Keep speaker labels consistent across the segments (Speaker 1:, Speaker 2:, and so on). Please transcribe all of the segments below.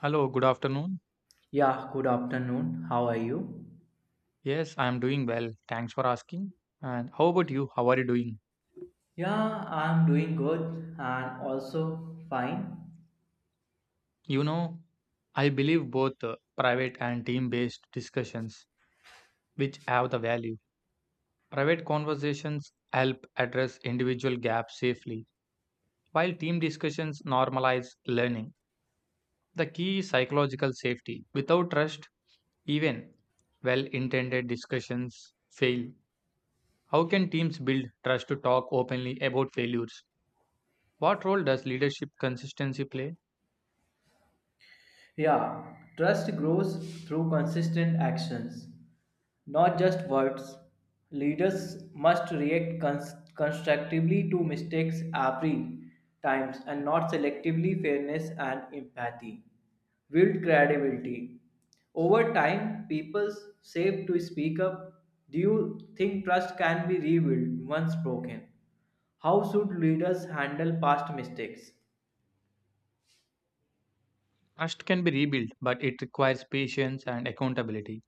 Speaker 1: Hello, good afternoon.
Speaker 2: Yeah, good afternoon. How are you?
Speaker 1: Yes, I am doing well. Thanks for asking. And how about you? How are you doing?
Speaker 2: Yeah, I'm doing good and also fine.
Speaker 1: You know, I believe both private and team based discussions, which have the value. Private conversations help address individual gaps safely, while team discussions normalize learning. The key is psychological safety. Without trust, even well intended discussions fail. How can teams build trust to talk openly about failures? What role does leadership consistency play?
Speaker 2: Yeah, trust grows through consistent actions, not just words. Leaders must react constructively to mistakes every times and not selectively fairness and empathy. Build credibility. Over time, people save to speak up. Do you think trust can be rebuilt once broken? How should leaders handle past mistakes?
Speaker 1: Trust can be rebuilt, but it requires patience and accountability.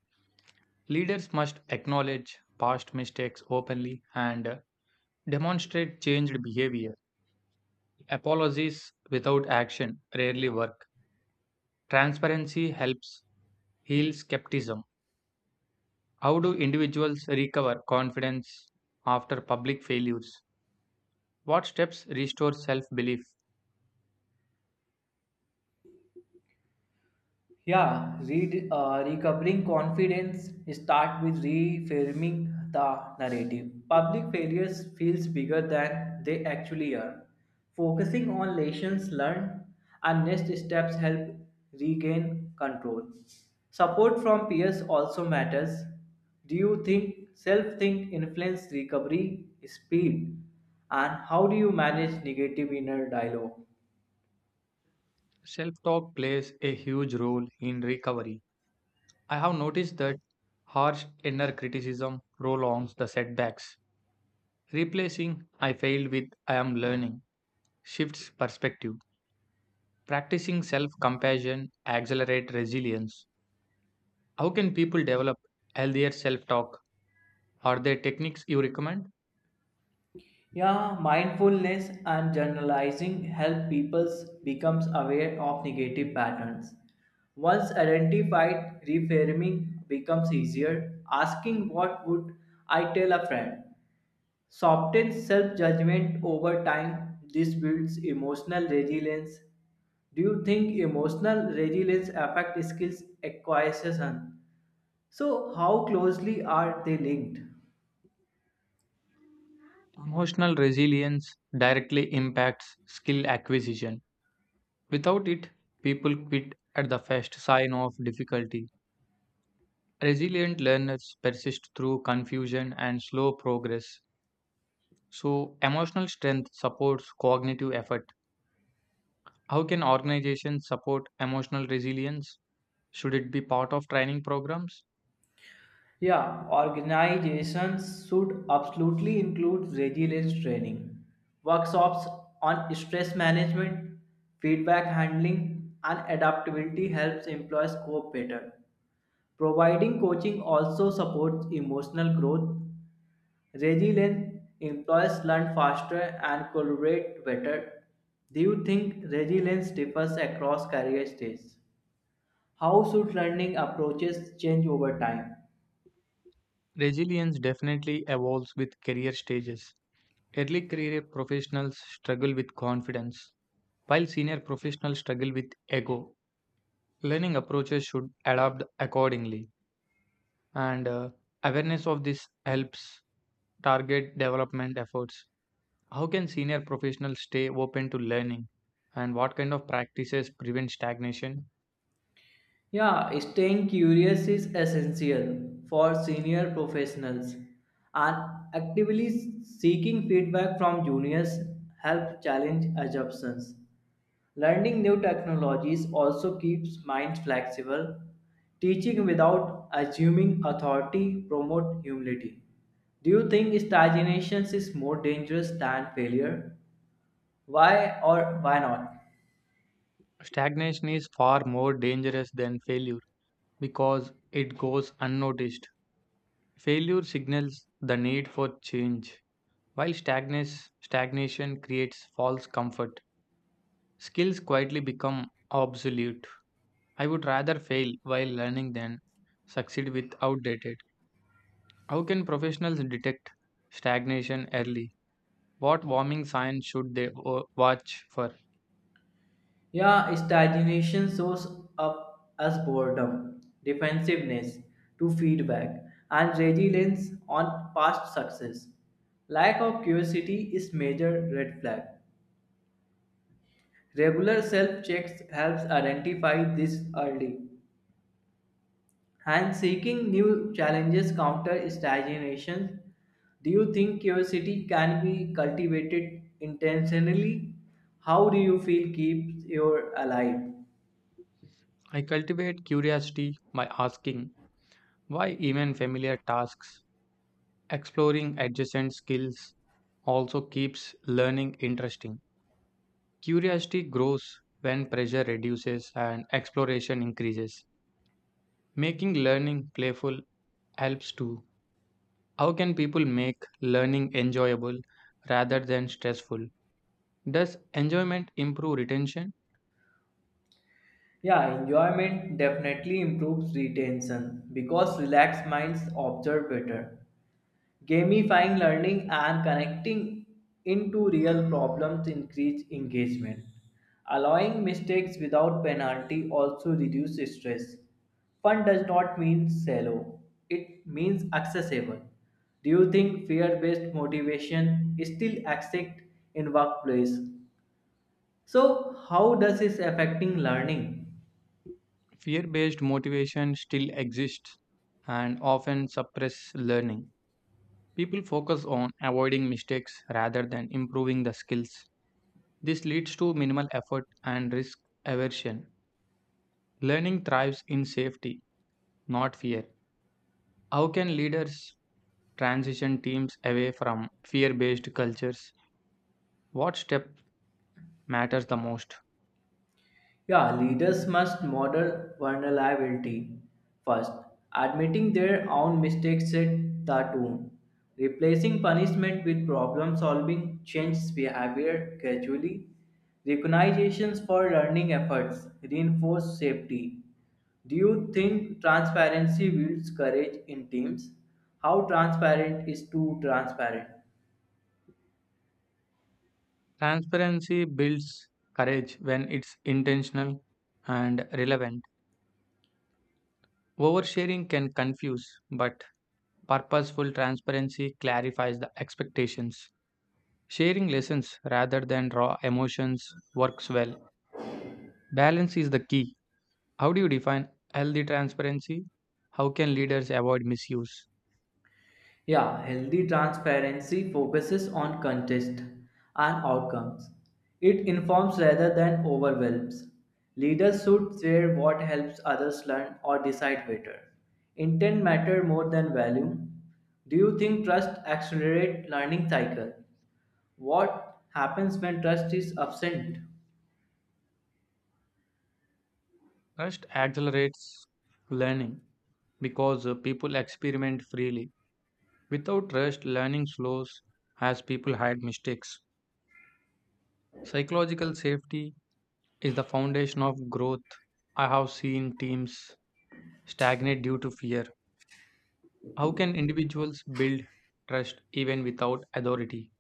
Speaker 1: Leaders must acknowledge past mistakes openly and demonstrate changed behavior. Apologies without action rarely work. Transparency helps heal skepticism. How do individuals recover confidence after public failures? What steps restore self belief?
Speaker 2: Yeah, recovering confidence start with reframing the narrative. Public failures feels bigger than they actually are. Focusing on lessons learned and next steps help regain control. Support from peers also matters. Do you think self-think influence recovery speed? And how do you manage negative inner dialogue?
Speaker 1: Self talk plays a huge role in recovery. I have noticed that harsh inner criticism prolongs the setbacks. Replacing I failed with I am learning shifts perspective. Practicing self compassion accelerates resilience. How can people develop healthier self talk? Are there techniques you recommend?
Speaker 2: Yeah, mindfulness and generalizing help people becomes aware of negative patterns. Once identified, reframing becomes easier. Asking what would I tell a friend softens self-judgment over time. This builds emotional resilience. Do you think emotional resilience affect skills acquisition? So how closely are they linked?
Speaker 1: Emotional resilience directly impacts skill acquisition. Without it, people quit at the first sign of difficulty. Resilient learners persist through confusion and slow progress. So, emotional strength supports cognitive effort. How can organizations support emotional resilience? Should it be part of training programs?
Speaker 2: Yeah, organizations should absolutely include resilience training, workshops on stress management, feedback handling, and adaptability helps employees cope better. Providing coaching also supports emotional growth. Resilient employees learn faster and collaborate better. Do you think resilience differs across career stages? How should learning approaches change over time?
Speaker 1: Resilience definitely evolves with career stages. Early career professionals struggle with confidence, while senior professionals struggle with ego. Learning approaches should adapt accordingly, and awareness of this helps target development efforts. How can senior professionals stay open to learning? And what kind of practices prevent stagnation?
Speaker 2: Yeah, staying curious is essential for senior professionals and actively seeking feedback from juniors helps challenge assumptions. Learning new technologies also keeps minds flexible. Teaching without assuming authority promotes humility. Do you think stagnation is more dangerous than failure? Why or why not?
Speaker 1: Stagnation is far more dangerous than failure because it goes unnoticed. Failure signals the need for change, while stagnation creates false comfort. Skills quietly become obsolete. I would rather fail while learning than succeed with outdated. How can professionals detect stagnation early? What warming signs should they watch for?
Speaker 2: Yeah, stagnation shows up as boredom, defensiveness to feedback, and resilience on past success. Lack of curiosity is major red flag. Regular self-checks helps identify this early. And seeking new challenges counter stagnation. Do you think curiosity can be cultivated intentionally? How do you feel keeps you alive?
Speaker 1: I cultivate curiosity by asking why even familiar tasks, exploring adjacent skills also keeps learning interesting. Curiosity grows when pressure reduces and exploration increases. Making learning playful helps too. How can people make learning enjoyable rather than stressful? Does enjoyment improve retention?
Speaker 2: Yeah, enjoyment definitely improves retention because relaxed minds observe better. Gamifying learning and connecting into real problems increase engagement. Allowing mistakes without penalty also reduces stress. Fun does not mean shallow, it means accessible. Do you think fear based motivation is still exists in workplace? So, how does this affecting learning?
Speaker 1: Fear based motivation still exists and often suppress learning. People focus on avoiding mistakes rather than improving the skills. This leads to minimal effort and risk aversion. Learning thrives in safety, not fear. How can leaders transition teams away from fear based cultures? What step matters the most?
Speaker 2: Yeah, leaders must model vulnerability first. Admitting their own mistakes set the tone. Replacing punishment with problem solving changes behavior gradually. Recognitions for learning efforts reinforce safety. Do you think transparency builds courage in teams? How transparent is too transparent?
Speaker 1: Transparency builds courage when it's intentional and relevant. Oversharing can confuse, but purposeful transparency clarifies the expectations. Sharing lessons rather than raw emotions works well. Balance is the key. How do you define healthy transparency? How can leaders avoid misuse?
Speaker 2: Yeah, healthy transparency focuses on context and outcomes. It informs rather than overwhelms. Leaders should share what helps others learn or decide better. Intent matter more than value. Do you think trust accelerates learning cycle? What happens when trust is absent?
Speaker 1: Trust accelerates learning because people experiment freely. Without trust, learning slows as people hide mistakes. Psychological safety is the foundation of growth. I have seen teams stagnate due to fear. How can individuals build trust even without authority?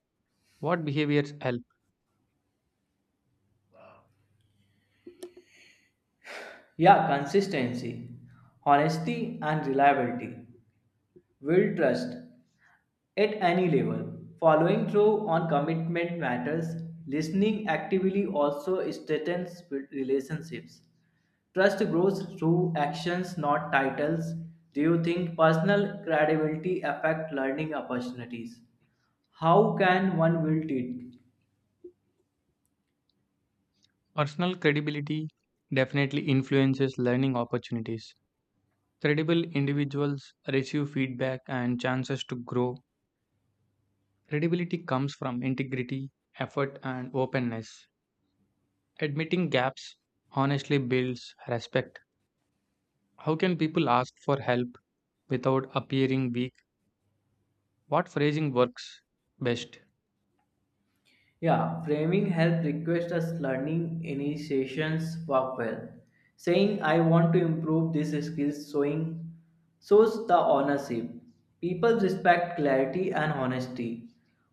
Speaker 1: What behaviors help?
Speaker 2: Yeah, consistency, honesty, and reliability. Will trust at any level. Following through on commitment matters. Listening actively also strengthens relationships. Trust grows through actions, not titles. Do you think personal credibility affect learning opportunities? How can one build it?
Speaker 1: Personal credibility definitely influences learning opportunities. Credible individuals receive feedback and chances to grow. Credibility comes from integrity, effort, and openness. Admitting gaps honestly builds respect. How can people ask for help without appearing weak? What phrasing works best?
Speaker 2: Yeah, framing help request us learning initiations work well. Saying I want to improve these skills showing shows the ownership. People respect clarity and honesty.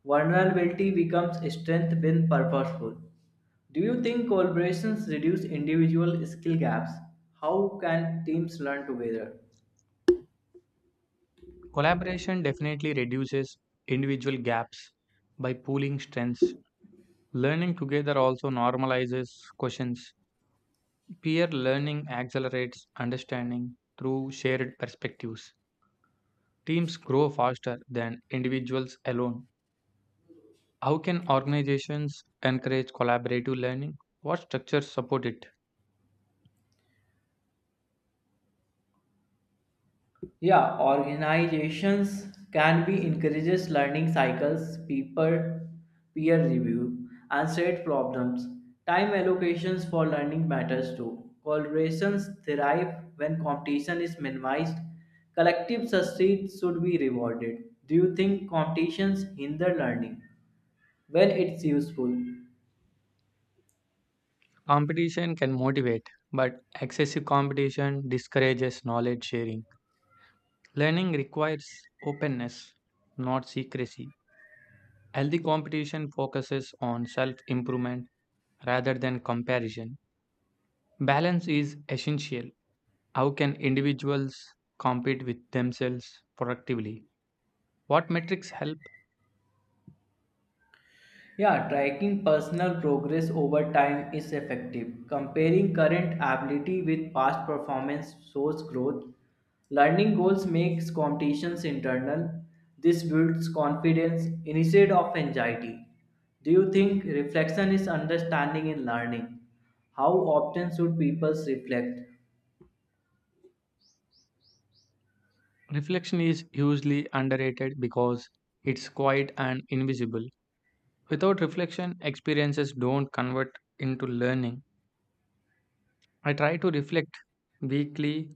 Speaker 2: Vulnerability becomes strength when purposeful. Do you think collaborations reduce individual skill gaps? How can teams learn together?
Speaker 1: Collaboration definitely reduces individual gaps by pooling strengths. Learning together also normalizes questions. Peer learning accelerates understanding through shared perspectives. Teams grow faster than individuals alone. How can organizations encourage collaborative learning? What structures support it?
Speaker 2: Yeah, organizations can be encourages learning cycles, peer review, and shared problems. Time allocations for learning matters too. Collaborations thrive when competition is minimized. Collective succeed should be rewarded. Do you think competitions hinder learning? When it's useful.
Speaker 1: Competition can motivate, but excessive competition discourages knowledge sharing. Learning requires openness, not secrecy. Healthy competition focuses on self improvement rather than comparison. Balance is essential. How can individuals compete with themselves productively? What metrics help?
Speaker 2: Yeah, tracking personal progress over time is effective. Comparing current ability with past performance shows growth. Learning goals makes competitions internal. This builds confidence instead of anxiety. Do you think reflection is understanding in learning? How often should people reflect?
Speaker 1: Reflection is hugely underrated because it's quiet and invisible. Without reflection, experiences don't convert into learning. I try to reflect weekly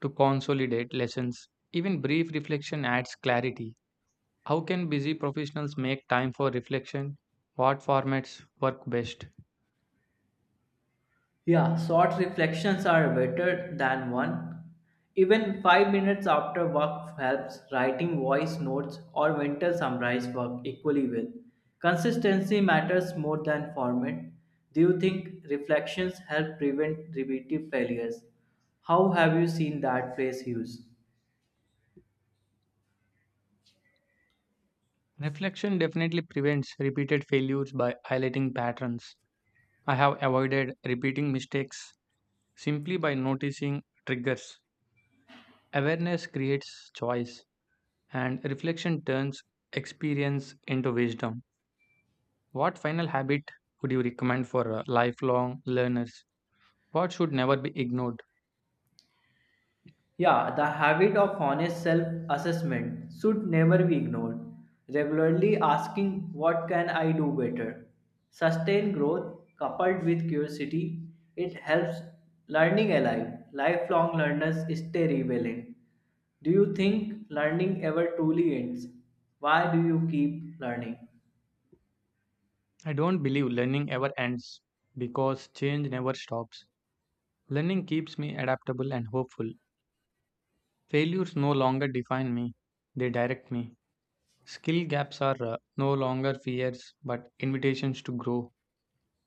Speaker 1: to consolidate lessons. Even brief reflection adds clarity. How can busy professionals make time for reflection? What formats work best?
Speaker 2: Yeah, short reflections are better than one. Even 5 minutes after work helps writing voice notes or mental summarize work equally well. Consistency matters more than format. Do you think reflections help prevent repetitive failures? How have you seen that phrase used?
Speaker 1: Reflection definitely prevents repeated failures by highlighting patterns. I have avoided repeating mistakes simply by noticing triggers. Awareness creates choice, and reflection turns experience into wisdom. What final habit would you recommend for lifelong learners? What should never be ignored?
Speaker 2: Yeah, the habit of honest self assessment should never be ignored. Regularly asking, what can I do better? Sustained growth coupled with curiosity, it helps learning alive. Lifelong learners stay relevant. Do you think learning ever truly ends? Why do you keep learning?
Speaker 1: I don't believe learning ever ends because change never stops. Learning keeps me adaptable and hopeful. Failures no longer define me, they direct me. Skill gaps are no longer fears but invitations to grow.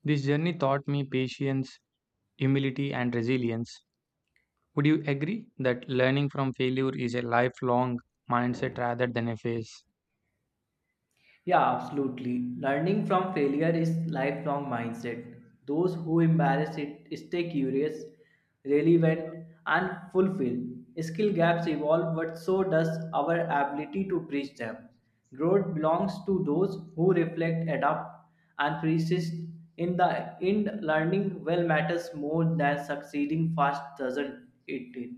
Speaker 1: This journey taught me patience, humility, and resilience. Would you agree that learning from failure is a lifelong mindset rather than a phase?
Speaker 2: Yeah, absolutely. Learning from failure is lifelong mindset. Those who embrace it stay curious, relevant, and fulfilled. Skill gaps evolve, but so does our ability to bridge them. Growth belongs to those who reflect, adapt, and persist. In the end, learning well matters more than succeeding fast, doesn't it?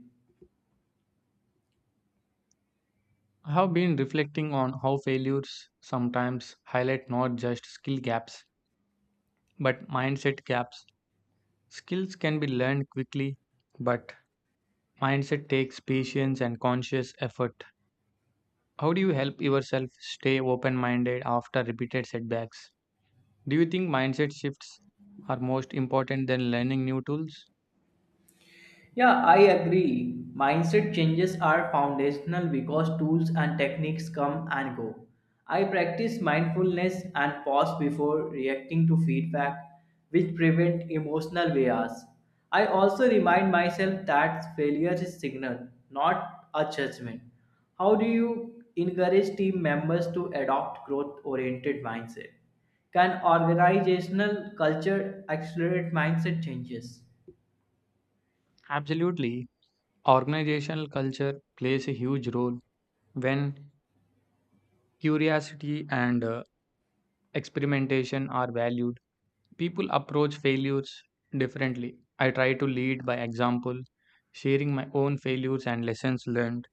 Speaker 1: I have been reflecting on how failures sometimes highlight not just skill gaps but mindset gaps. Skills can be learned quickly, but mindset takes patience and conscious effort. How do you help yourself stay open minded after repeated setbacks? Do you think mindset shifts are most important than learning new tools?
Speaker 2: Yeah, I agree. Mindset changes are foundational because tools and techniques come and go. I practice mindfulness and pause before reacting to feedback, which prevent emotional bias. I also remind myself that failure is signal, not a judgment. How do you encourage team members to adopt growth-oriented mindset? Can organizational culture accelerate mindset changes?
Speaker 1: Absolutely. Organizational culture plays a huge role. When curiosity and experimentation are valued, people approach failures differently. I try to lead by example, sharing my own failures and lessons learned.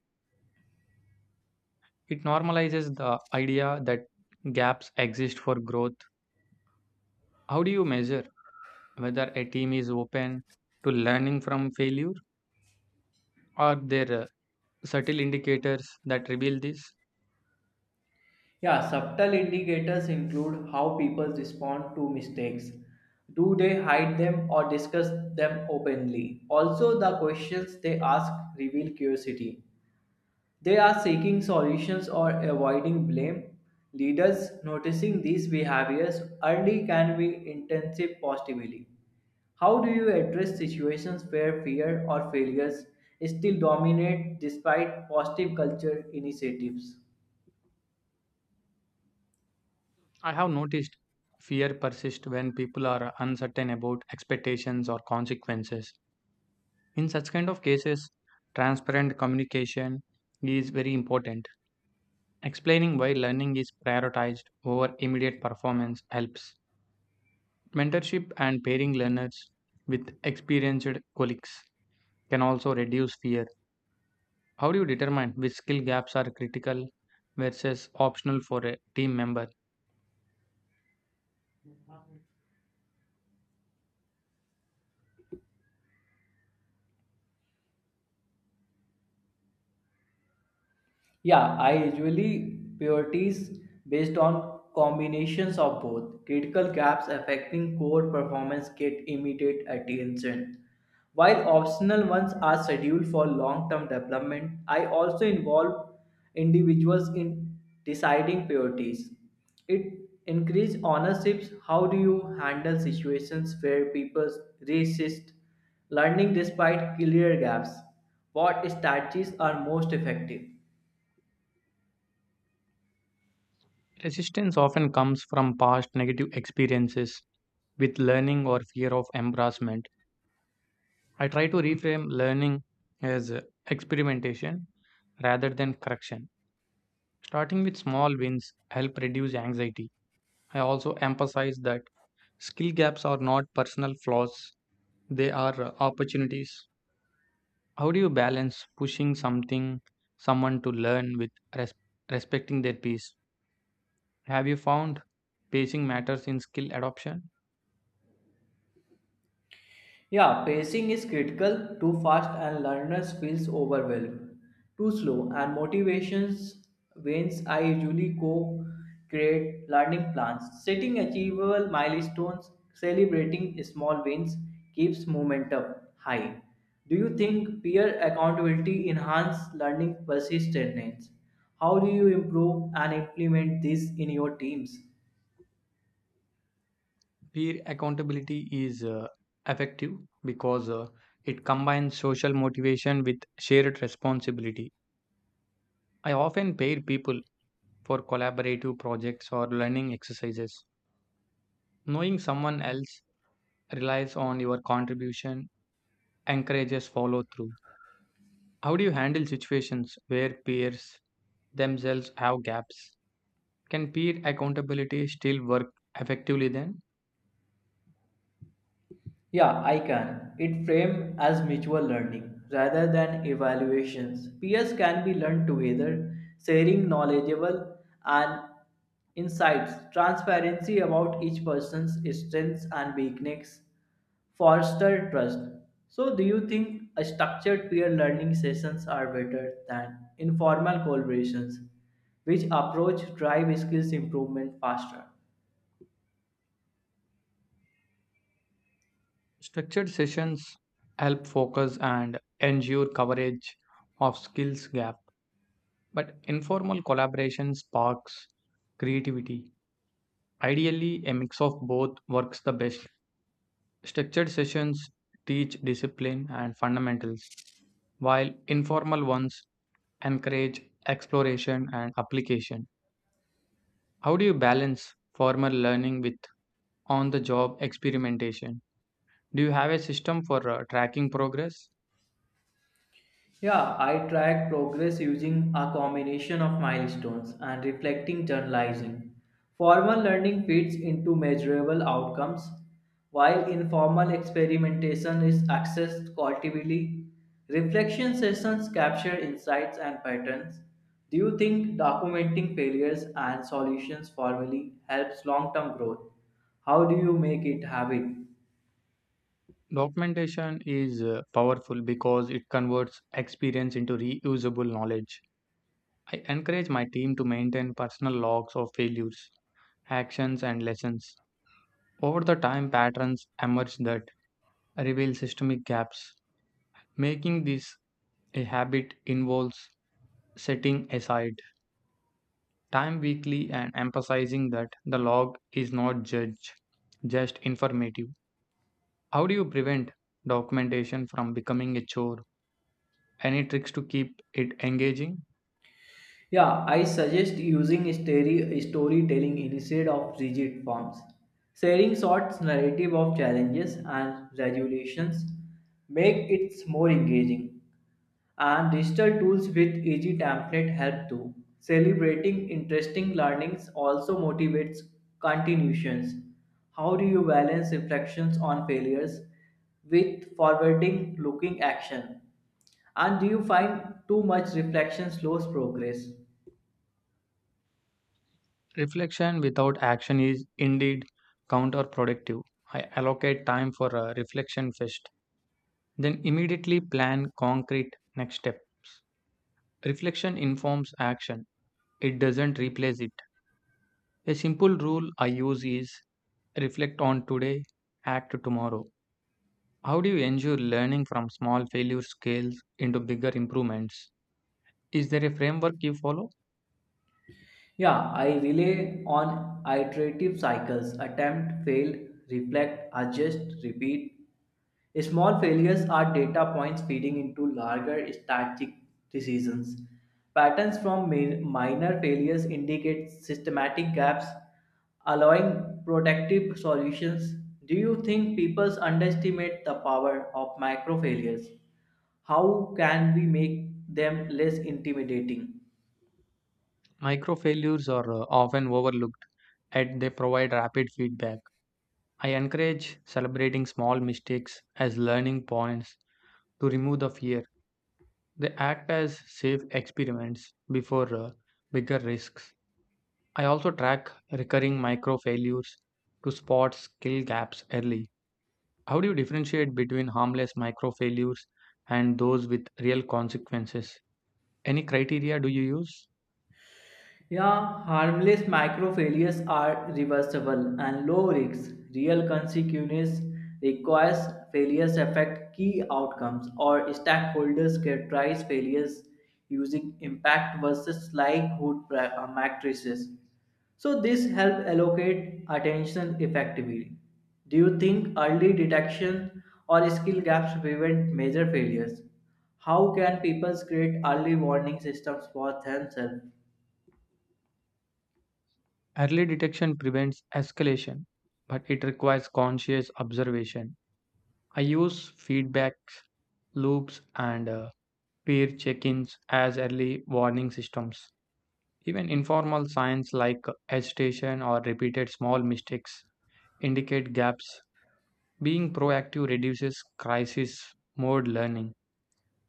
Speaker 1: It normalizes the idea that gaps exist for growth. How do you measure whether a team is open to learning from failure? Are there subtle indicators that reveal this?
Speaker 2: Yeah, subtle indicators include how people respond to mistakes. Do they hide them or discuss them openly? Also, the questions they ask reveal curiosity. They are seeking solutions or avoiding blame. Leaders noticing these behaviors early can be intensive positively. How do you address situations where fear or failures still dominate despite positive culture initiatives?
Speaker 1: I have noticed fear persists when people are uncertain about expectations or consequences. In such kind of cases, transparent communication is very important. Explaining why learning is prioritized over immediate performance helps. Mentorship and pairing learners with experienced colleagues can also reduce fear. How do you determine which skill gaps are critical versus optional for a team member?
Speaker 2: Yeah, I usually priorities based on combinations of both. Critical gaps affecting core performance get immediate attention, while optional ones are scheduled for long term development. I also involve individuals in deciding priorities. It increases ownerships. How do you handle situations where people resist learning despite clear gaps? What strategies are most effective?
Speaker 1: Resistance often comes from past negative experiences with learning or fear of embarrassment. I try to reframe learning as experimentation rather than correction. Starting with small wins help reduce anxiety. I also emphasize that skill gaps are not personal flaws. They are opportunities. How do you balance someone to learn with respecting their peace? Have you found pacing matters in skill adoption?
Speaker 2: Yeah, pacing is critical. Too fast and learners feels overwhelmed. Too slow and motivations wanes. I usually co-create learning plans, setting achievable milestones, celebrating small wins keeps momentum high. Do you think peer accountability enhance learning persistence? How do you improve and implement this in your teams?
Speaker 1: Peer accountability is effective because it combines social motivation with shared responsibility. I often pair people for collaborative projects or learning exercises. Knowing someone else relies on your contribution encourages follow through. How do you handle situations where peers themselves have gaps? Can peer accountability still work effectively then?
Speaker 2: Yeah, I can. It framed as mutual learning rather than evaluations. Peers can be learned together, sharing knowledgeable and insights, transparency about each person's strengths and weaknesses, foster trust. So, do you think a structured peer learning sessions are better than informal collaborations, which approach drive skills improvement faster?
Speaker 1: Structured sessions help focus and ensure coverage of skills gap, but informal collaboration sparks creativity. Ideally, a mix of both works the best. Structured sessions teach discipline and fundamentals, while informal ones encourage exploration and application. How do you balance formal learning with on the job experimentation? Do you have a system for tracking progress?
Speaker 2: Yeah, I track progress using a combination of milestones and reflecting journalizing. Formal learning feeds into measurable outcomes, while informal experimentation is accessed cultively. Reflection sessions capture insights and patterns. Do you think documenting failures and solutions formally helps long term growth? How do you make it habit?
Speaker 1: Documentation is powerful because it converts experience into reusable knowledge. I encourage my team to maintain personal logs of failures, actions, and lessons. Over the time, patterns emerge that reveal systemic gaps. Making this a habit involves setting aside time weekly and emphasizing that the log is not judge, just informative. How do you prevent documentation from becoming a chore? Any tricks to keep it engaging?
Speaker 2: Yeah, I suggest using storytelling instead of rigid forms. Sharing short narrative of challenges and resolutions make it more engaging. And digital tools with easy template help too. Celebrating interesting learnings also motivates continuations. How do you balance reflections on failures with forwarding looking action? And do you find too much reflection slows progress?
Speaker 1: Reflection without action is indeed counterproductive. I allocate time for a reflection first, then immediately plan concrete next step. Reflection informs action. It doesn't replace it. A simple rule I use is reflect on today, act tomorrow. How do you ensure learning from small failure scales into bigger improvements? Is there a framework you follow?
Speaker 2: Yeah, I rely on iterative cycles attempt, fail, reflect, adjust, repeat. Small failures are data points feeding into larger strategic decisions. Patterns from minor failures indicate systematic gaps, allowing protective solutions. Do you think people underestimate the power of micro failures? How can we make them less intimidating?
Speaker 1: Micro failures are often overlooked, yet they provide rapid feedback. I encourage celebrating small mistakes as learning points to remove the fear. They act as safe experiments before bigger risks. I also track recurring micro failures to spot skill gaps early. How do you differentiate between harmless micro failures and those with real consequences? Any criteria do you use?
Speaker 2: Yeah, harmless micro failures are reversible and low risk. Real consequences requires failures affect key outcomes or stakeholders characterize failures using impact versus likelihood matrices. So this help allocate attention effectively. Do you think early detection or skill gaps prevent major failures? How can people create early warning systems for themselves?
Speaker 1: Early detection prevents escalation, but it requires conscious observation. I use feedback loops and peer check ins as early warning systems. Even informal signs like agitation or repeated small mistakes indicate gaps. Being proactive reduces crisis mode learning.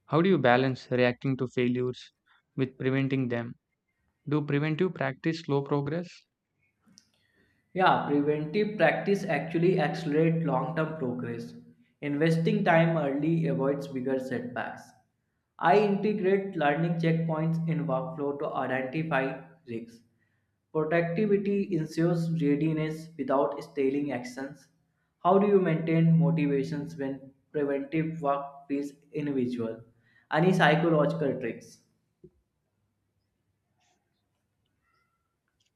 Speaker 1: How do you balance reacting to failures with preventing them? Do preventive practice slow progress?
Speaker 2: Yeah, preventive practice actually accelerates long term progress. Investing time early avoids bigger setbacks. I integrate learning checkpoints in workflow to identify risks. Productivity ensures readiness without stalling actions. How do you maintain motivations when preventive work feels individual? Any psychological tricks?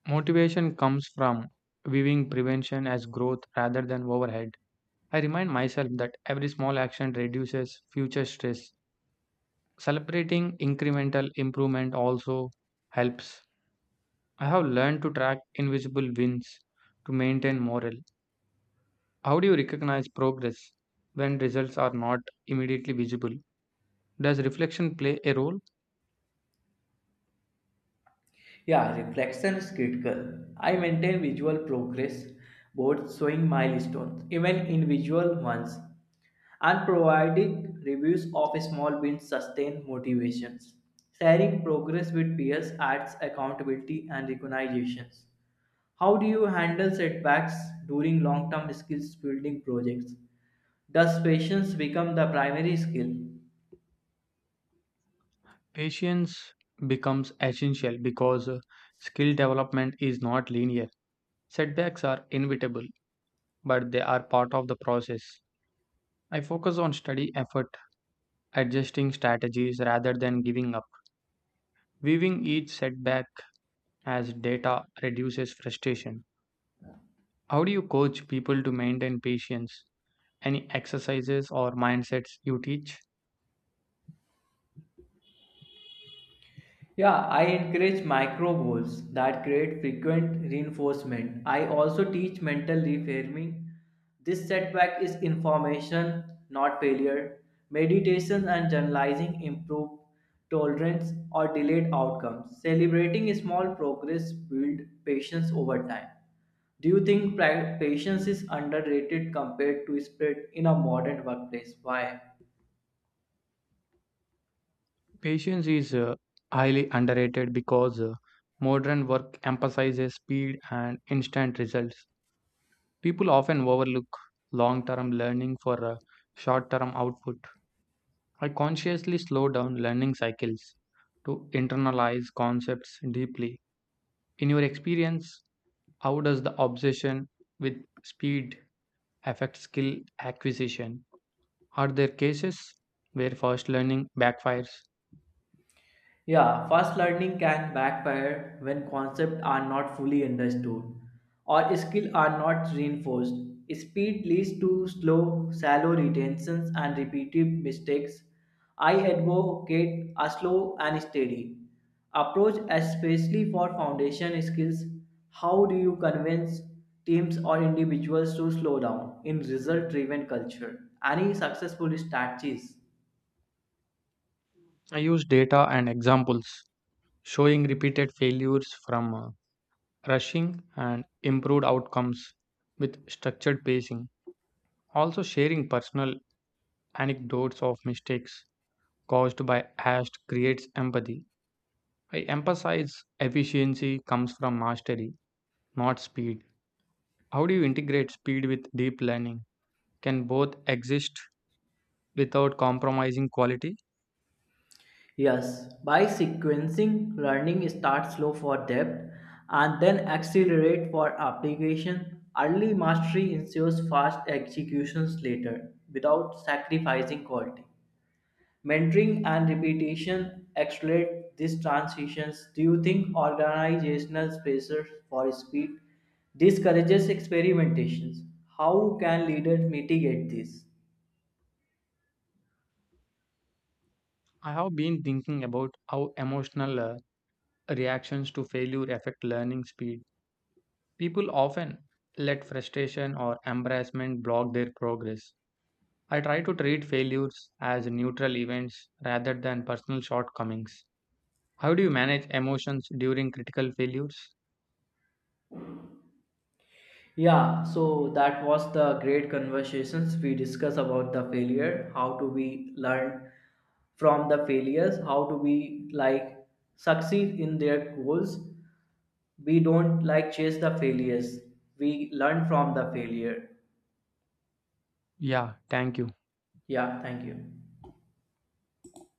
Speaker 1: Motivation comes from viewing prevention as growth rather than overhead. I remind myself that every small action reduces future stress. Celebrating incremental improvement also helps. I have learned to track invisible wins to maintain morale. How do you recognize progress when results are not immediately visible? Does reflection play a role?
Speaker 2: Yeah, reflection is critical. I maintain visual progress boards showing milestones, even individual ones, and providing reviews of small wins sustain motivations. Sharing progress with peers adds accountability and recognitions. How do you handle setbacks during long-term skills building projects? Does patience become the primary skill?
Speaker 1: Patience becomes essential because skill development is not linear. Setbacks are inevitable, but they are part of the process. I focus on study effort, adjusting strategies rather than giving up. Viewing each setback as data reduces frustration. How do you coach people to maintain patience? Any exercises or mindsets you teach?
Speaker 2: Yeah, I encourage micro goals that create frequent reinforcement. I also teach mental reframing. This setback is information, not failure. Meditation and journalizing improve tolerance or delayed outcomes. Celebrating small progress builds patience over time. Do you think patience is underrated compared to speed in a modern workplace? Why?
Speaker 1: Patience is highly underrated because modern work emphasizes speed and instant results. People often overlook long term learning for short term output. I consciously slow down learning cycles to internalize concepts deeply. In your experience, how does the obsession with speed affect skill acquisition? Are there cases where fast learning backfires?
Speaker 2: Yeah, fast learning can backfire when concepts are not fully understood or skills are not reinforced. Speed leads to slow, shallow retentions and repetitive mistakes. I advocate a slow and steady approach, especially for foundation skills. How do you convince teams or individuals to slow down in result driven culture? Any successful strategies?
Speaker 1: I use data and examples showing repeated failures from rushing and improved outcomes with structured pacing. Also, sharing personal anecdotes of mistakes caused by ash creates empathy. I emphasize efficiency comes from mastery, not speed. How do you integrate speed with deep learning? Can both exist without compromising quality?
Speaker 2: Yes, by sequencing, learning starts slow for depth and then accelerate for application. Early mastery ensures fast executions later without sacrificing quality. Mentoring and repetition accelerate these transitions. Do you think organizational pressure for speed discourages experimentations? How can leaders mitigate this?
Speaker 1: I have been thinking about how emotional reactions to failure affect learning speed. People often let frustration or embarrassment block their progress. I try to treat failures as neutral events rather than personal shortcomings. How do you manage emotions during critical failures?
Speaker 2: Yeah, so that was the great conversations we discuss about the failure, how do we learn from the failures, how do we like succeed in their goals. We don't like chase the failures. We learn from the failure.
Speaker 1: Yeah, thank you.
Speaker 2: Yeah, thank you.